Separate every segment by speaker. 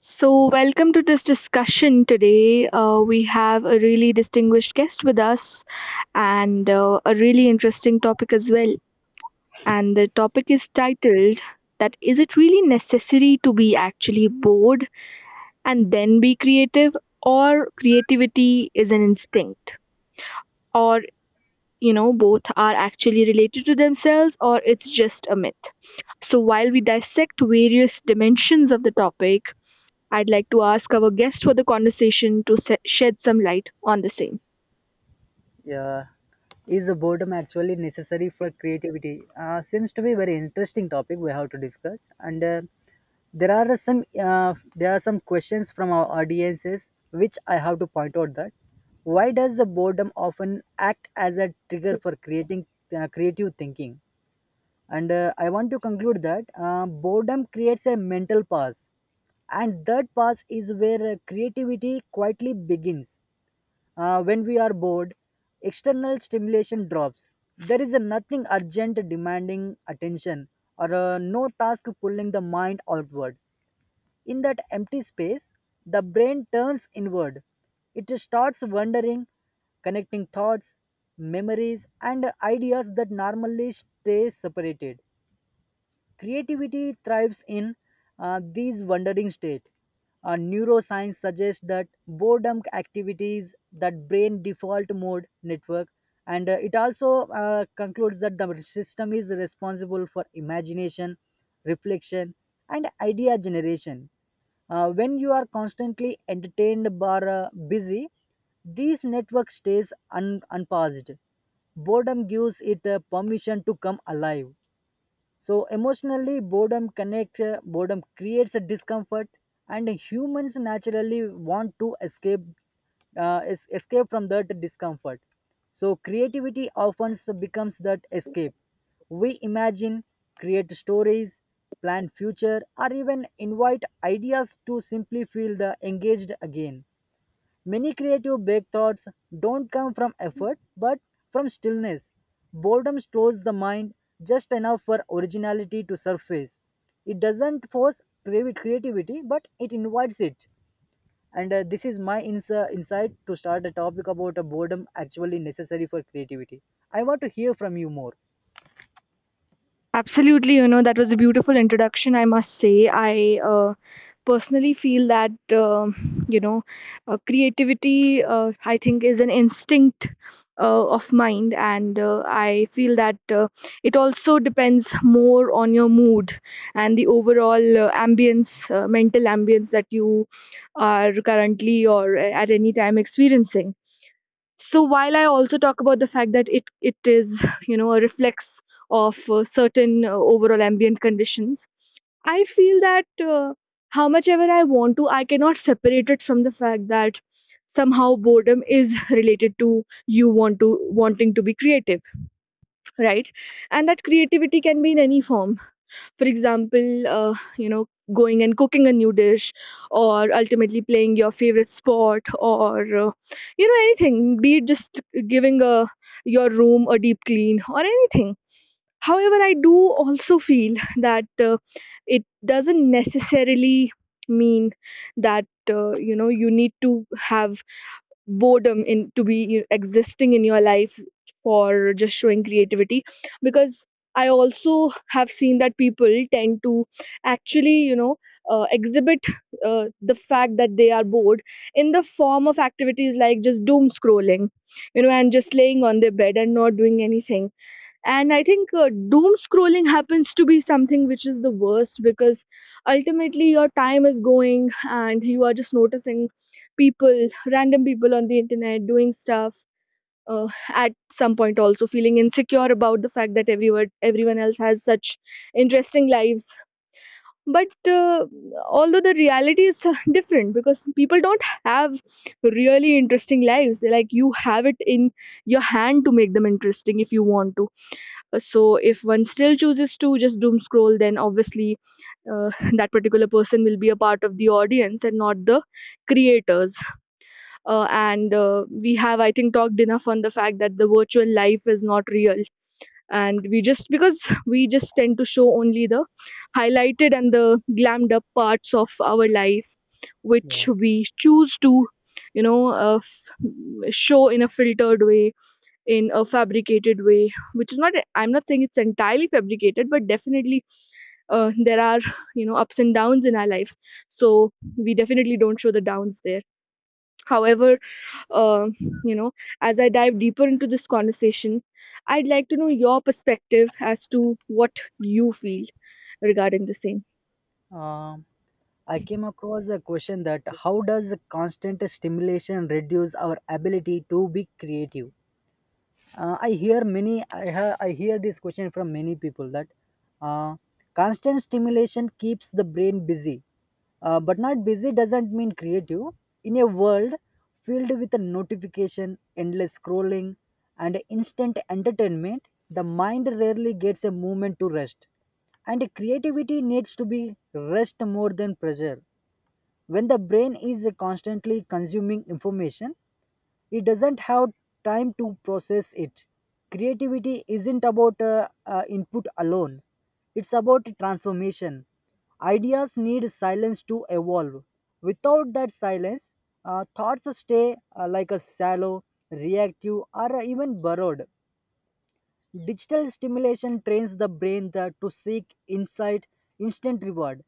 Speaker 1: So, welcome to this discussion today. We have a really distinguished guest with us and a really interesting topic as well. And the topic is titled, that is, it really necessary to be actually bored and then be creative, or creativity is an instinct, or you know both are actually related to themselves, or it's just a myth. So while we dissect various dimensions of the topic, I'd like to ask our guest for the conversation to shed some light on the same.
Speaker 2: Yeah. Is the boredom actually necessary for creativity? Seems to be very interesting topic we have to discuss. And there are some There are some questions from our audiences which I have to point out that why does the boredom often act as a trigger for creating creative thinking? And I want to conclude that boredom creates a mental pause, and that pause is where creativity quietly begins. When we are bored, external stimulation drops. There is a nothing urgent demanding attention, or no task pulling the mind outward. In that empty space, the brain turns inward. It starts wondering, connecting thoughts, memories, and ideas that normally stay separated. Creativity thrives in these wandering state. Neuroscience suggests that boredom activities that brain default mode network, and it also concludes that the system is responsible for imagination, reflection, and idea generation. When you are constantly entertained or busy, this network stays unpaused. Boredom gives it permission to come alive. So emotionally, boredom creates a discomfort, and humans naturally want to escape, escape from that discomfort. So creativity often becomes that escape. We imagine, create stories, plan future, or even invite ideas to simply feel the engaged again. Many creative breakthroughs don't come from
Speaker 1: Mm.
Speaker 2: effort but from stillness. Boredom slows the mind just enough for originality to surface. It doesn't force creativity but it invites it. And this is my insight to start a topic about a boredom actually necessary for creativity. I want to hear from you more.
Speaker 1: Absolutely, you know, that was a beautiful introduction, I must say. I personally feel that you know creativity, I think, is an instinct of mind, and I feel that it also depends more on your mood and the overall ambience, mental ambience, that you are currently or at any time experiencing. So while I also talk about the fact that it is, you know, a reflex of certain overall ambient conditions, I feel that how much ever I want to, I cannot separate it from the fact that somehow boredom is related to you want to wanting to be creative, right? And that creativity can be in any form. For example, you know, going and cooking a new dish, or ultimately playing your favorite sport, or you know, anything, be it just giving a your room a deep clean, or anything. However, I do also feel that it doesn't necessarily mean that, you know, you need to have boredom in to be existing in your life for just showing creativity. Because I also have seen that people tend to actually, you know, exhibit the fact that they are bored in the form of activities like just doom scrolling, you know, and just laying on their bed and not doing anything. And I think doom scrolling happens to be something which is the worst, because ultimately your time is going and you are just noticing people random people on the internet doing stuff, at some point also feeling insecure about the fact that everyone else has such interesting lives. But although the reality is different, because people don't have really interesting lives. They're like, you have it in your hand to make them interesting if you want to. So if one still chooses to just doom scroll, then obviously uh, that particular person will be a part of the audience and not the creators. And we have, I think, talked enough on the fact that the virtual life is not real, and we just, because we just tend to show only the highlighted and the glammed up parts of our life, which
Speaker 2: Yeah.
Speaker 1: we choose to, you know, show in a filtered way, in a fabricated way, which is not, I'm not saying it's entirely fabricated, but definitely there are, you know, ups and downs in our lives. So we definitely don't show the downs there. However, uh, you know as I dive deeper into this conversation, I'd like to know your perspective as to what you feel regarding the same.
Speaker 2: Um, I came across a question that how does constant stimulation reduce our ability to be creative? I hear this question from many people that uh, constant stimulation keeps the brain busy, but not busy doesn't mean creative. In a world filled with a notification, endless scrolling, and instant entertainment, the mind rarely gets a moment to rest, and creativity needs to be rest more than pressure. When the brain is constantly consuming information, it doesn't have time to process it. Creativity isn't about input alone. It's about transformation. Ideas need silence to evolve. Without that silence, thoughts stay like a shallow, reactive or even borrowed. Digital stimulation trains the brain to seek insight, instant reward.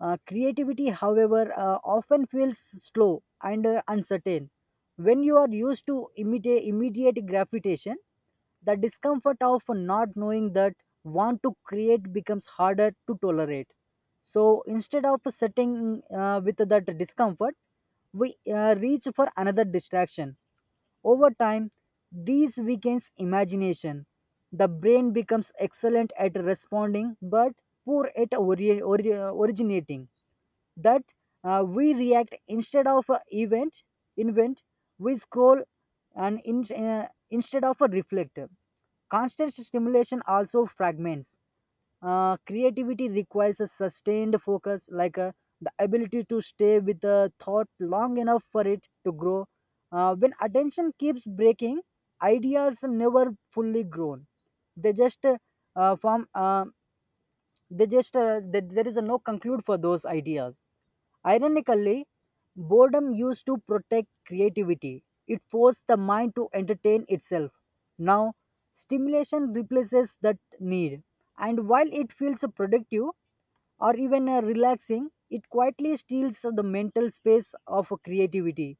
Speaker 2: Creativity, however, often feels slow and uncertain. When you are used to immediate gratification, the discomfort of not knowing that want to create becomes harder to tolerate. So instead of sitting with that discomfort, we reach for another distraction. Over time, these weakens imagination. The brain becomes excellent at responding but poor at originating. That we react instead of a event, invent, we scroll and instead of a reflector. Constant stimulation also fragments. Uh, creativity requires a sustained focus, like the ability to stay with a thought long enough for it to grow. Uh, when attention keeps breaking, ideas never fully grown. They just form they just th- there is a no conclude for those ideas. Ironically, boredom used to protect creativity. It forced the mind to entertain itself. Now, stimulation replaces that need. And while it feels productive, or even relaxing, it quietly steals the mental space of creativity.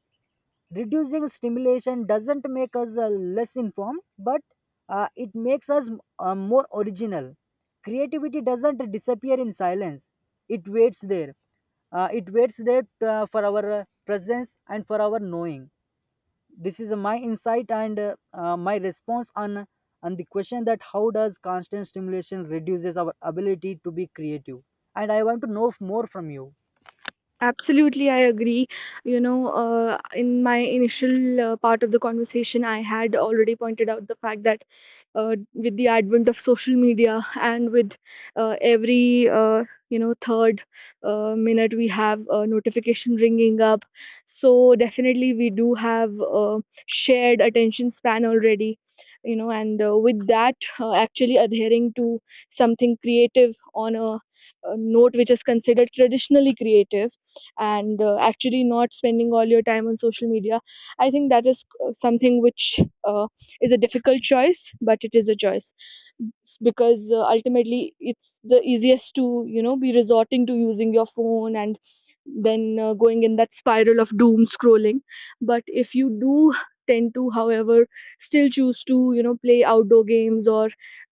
Speaker 2: Reducing stimulation doesn't make us less informed, but it makes us more original. Creativity doesn't disappear in silence, it waits there. It waits there for our presence and for our knowing. This is my insight and my response on the question that how does constant stimulation reduces our ability to be creative, and I want to know more from you.
Speaker 1: Absolutely, I agree. You know, in my initial part of the conversation, I had already pointed out the fact that with the advent of social media, and with every you know, third minute we have a notification ringing up, so definitely we do have a shared attention span already. You know, and with that, actually adhering to something creative on a note which is considered traditionally creative, and actually not spending all your time on social media, I think that is something which uh, is a difficult choice, but it is a choice. Because ultimately it's the easiest to, you know, be resorting to using your phone and then going in that spiral of doom scrolling. But if you do tend to, however, still choose to, you know, play outdoor games or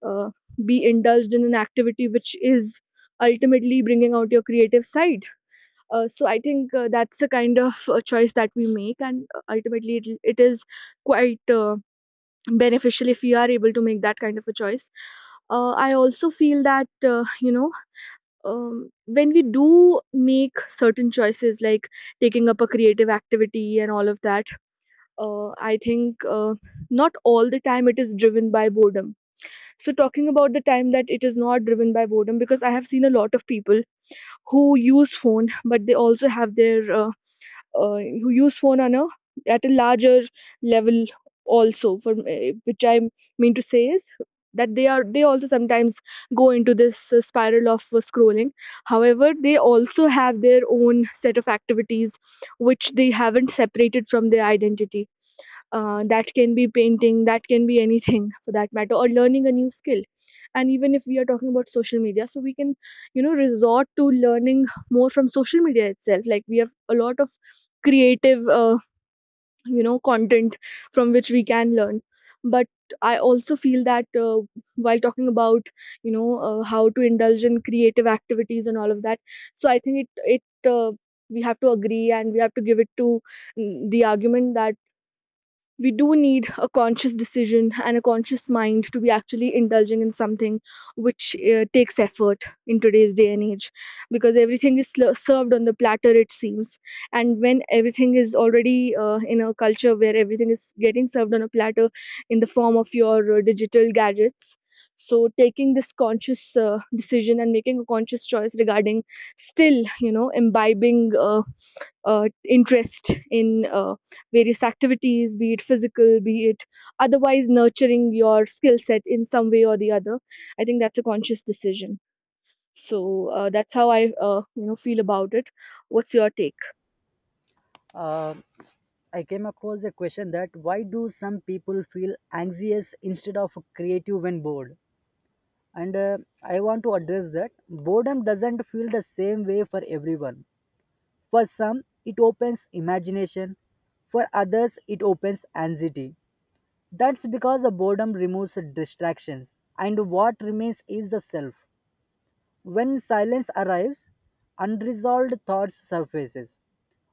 Speaker 1: uh, be indulged in an activity which is ultimately bringing out your creative side, so I think that's the kind of choice that we make, and ultimately it is quite beneficial if we are able to make that kind of a choice. I also feel that you know, when we do make certain choices, like taking up a creative activity and all of that, I think not all the time it is driven by boredom. So talking about the time that it is not driven by boredom, because I have seen a lot of people who use phone, but they also have their who use phone on a at a larger level also for which I mean to say is that they also sometimes go into this spiral of scrolling. However, they also have their own set of activities which they haven't separated from their identity. That can be painting, that can be anything for that matter, or learning a new skill. And even if we are talking about social media, so we can, you know, resort to learning more from social media itself. Like, we have a lot of creative you know, content from which we can learn. But I also feel that while talking about, you know, how to indulge in creative activities and all of that, so I think it it we have to agree, and we have to give it to, mm, the argument that we do need a conscious decision and a conscious mind to be actually indulging in something which takes effort in today's day and age. Because everything is served on the platter, it seems. And when everything is already in a culture where everything is getting served on a platter in the form of your digital gadgets, so taking this conscious decision and making a conscious choice regarding still, you know, imbibing interest in various activities, be it physical, be it otherwise nurturing your skill set in some way or the other. I think that's a conscious decision. So that's how I, you know, feel about it. What's your take?
Speaker 2: uh, I came across a question that why do some people feel anxious instead of creative when bored, and I want to address that boredom doesn't feel the same way for everyone. For some it opens imagination, for others it opens anxiety. That's because the boredom removes distractions, and what remains is the self. When silence arrives, unresolved thoughts surfaces.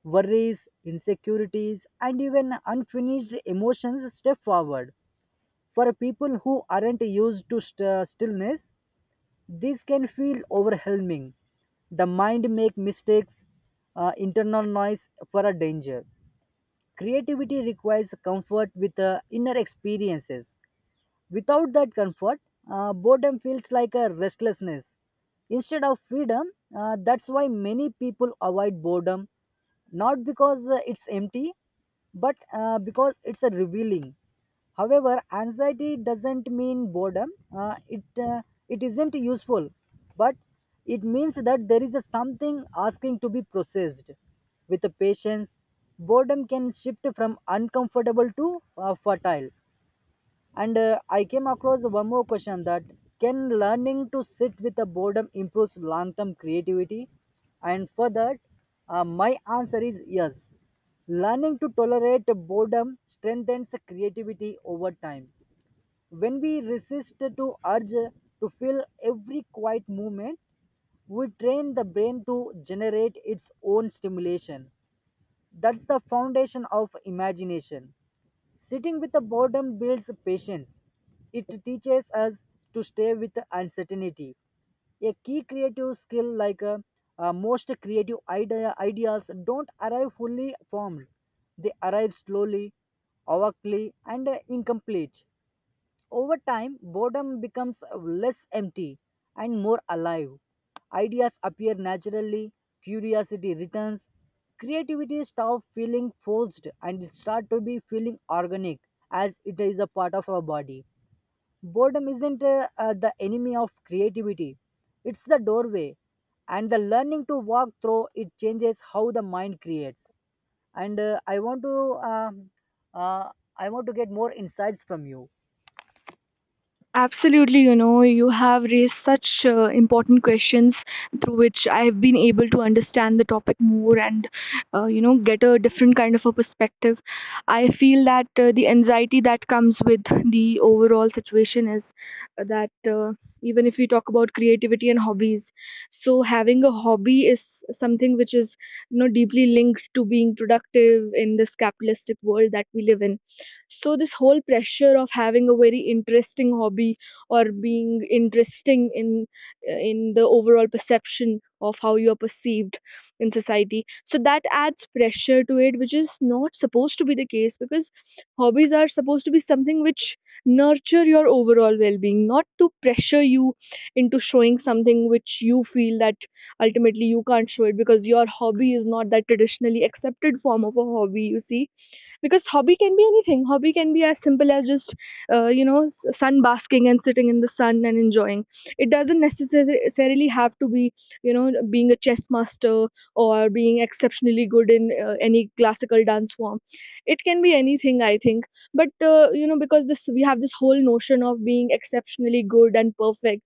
Speaker 2: Worries, insecurities, and even unfinished emotions step forward. For people who aren't used to stillness, this can feel overwhelming. The mind make mistakes, internal noise for a danger. Creativity requires comfort with inner experiences. Without that comfort, boredom feels like a restlessness instead of freedom. That's why many people avoid boredom, not because it's empty, but because it's a revealing. However, anxiety doesn't mean boredom. It isn't useful, but it means that there is a something asking to be processed. With the patience, boredom can shift from uncomfortable to fertile. And I came across one more question that can learning to sit with the boredom improves long term creativity? And for that, my answer is yes. Learning to tolerate boredom strengthens creativity over time. When we resist to urge to fill every quiet moment, we train the brain to generate its own stimulation. That's the foundation of imagination. Sitting with the boredom builds patience. It teaches us to stay with the uncertainty. A key creative skill like ideas don't arrive fully formed. They arrive slowly, awkwardly, and incomplete. Over time, boredom becomes less empty and more alive. Ideas appear naturally, curiosity returns, creativity stops feeling forced and it starts to be feeling organic as it is a part of our body. Boredom isn't the enemy of creativity, it's the doorway, and the learning to walk through it changes how the mind creates. And uh, I want to get more insights from you.
Speaker 1: Absolutely, you know, you have raised such important questions through which I have been able to understand the topic more, and, you know, get a different kind of a perspective. I feel that the anxiety that comes with the overall situation is that even if we talk about creativity and hobbies, so having a hobby is something which is, you know, deeply linked to being productive in this capitalistic world that we live in. So this whole pressure of having a very interesting hobby, or being interesting in, in the overall perception of how you are perceived in society, so that adds pressure to it, which is not supposed to be the case. Because hobbies are supposed to be something which nurture your overall well-being, not to pressure you into showing something which you feel that ultimately you can't show it, because your hobby is not that traditionally accepted form of a hobby, you see. Because hobby can be anything. Hobby can be as simple as just, you know, sun basking and sitting in the sun and enjoying. It doesn't necessarily have to be, you know, being a chess master, or being exceptionally good in any classical dance form. It can be anything, I think. But you know, because this, we have this whole notion of being exceptionally good and perfect,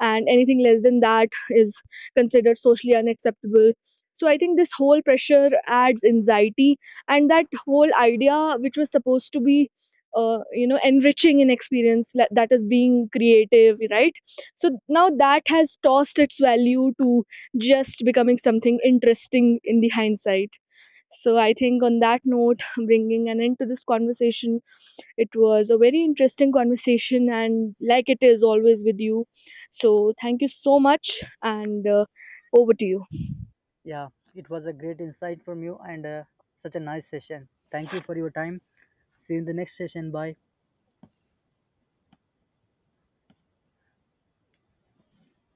Speaker 1: and anything less than that is considered socially unacceptable. So I think this whole pressure adds anxiety, and that whole idea which was supposed to be you know, enriching in experience, that is being creative, right? So now that has tossed its value to just becoming something interesting in the hindsight. So I think on that note, bringing an end to this conversation, it was a very interesting conversation, and like it is always with you. So thank you so much, and over to you.
Speaker 2: Yeah, it was a great insight from you and such a nice session. Thank you for your time. See you in the next session. Bye.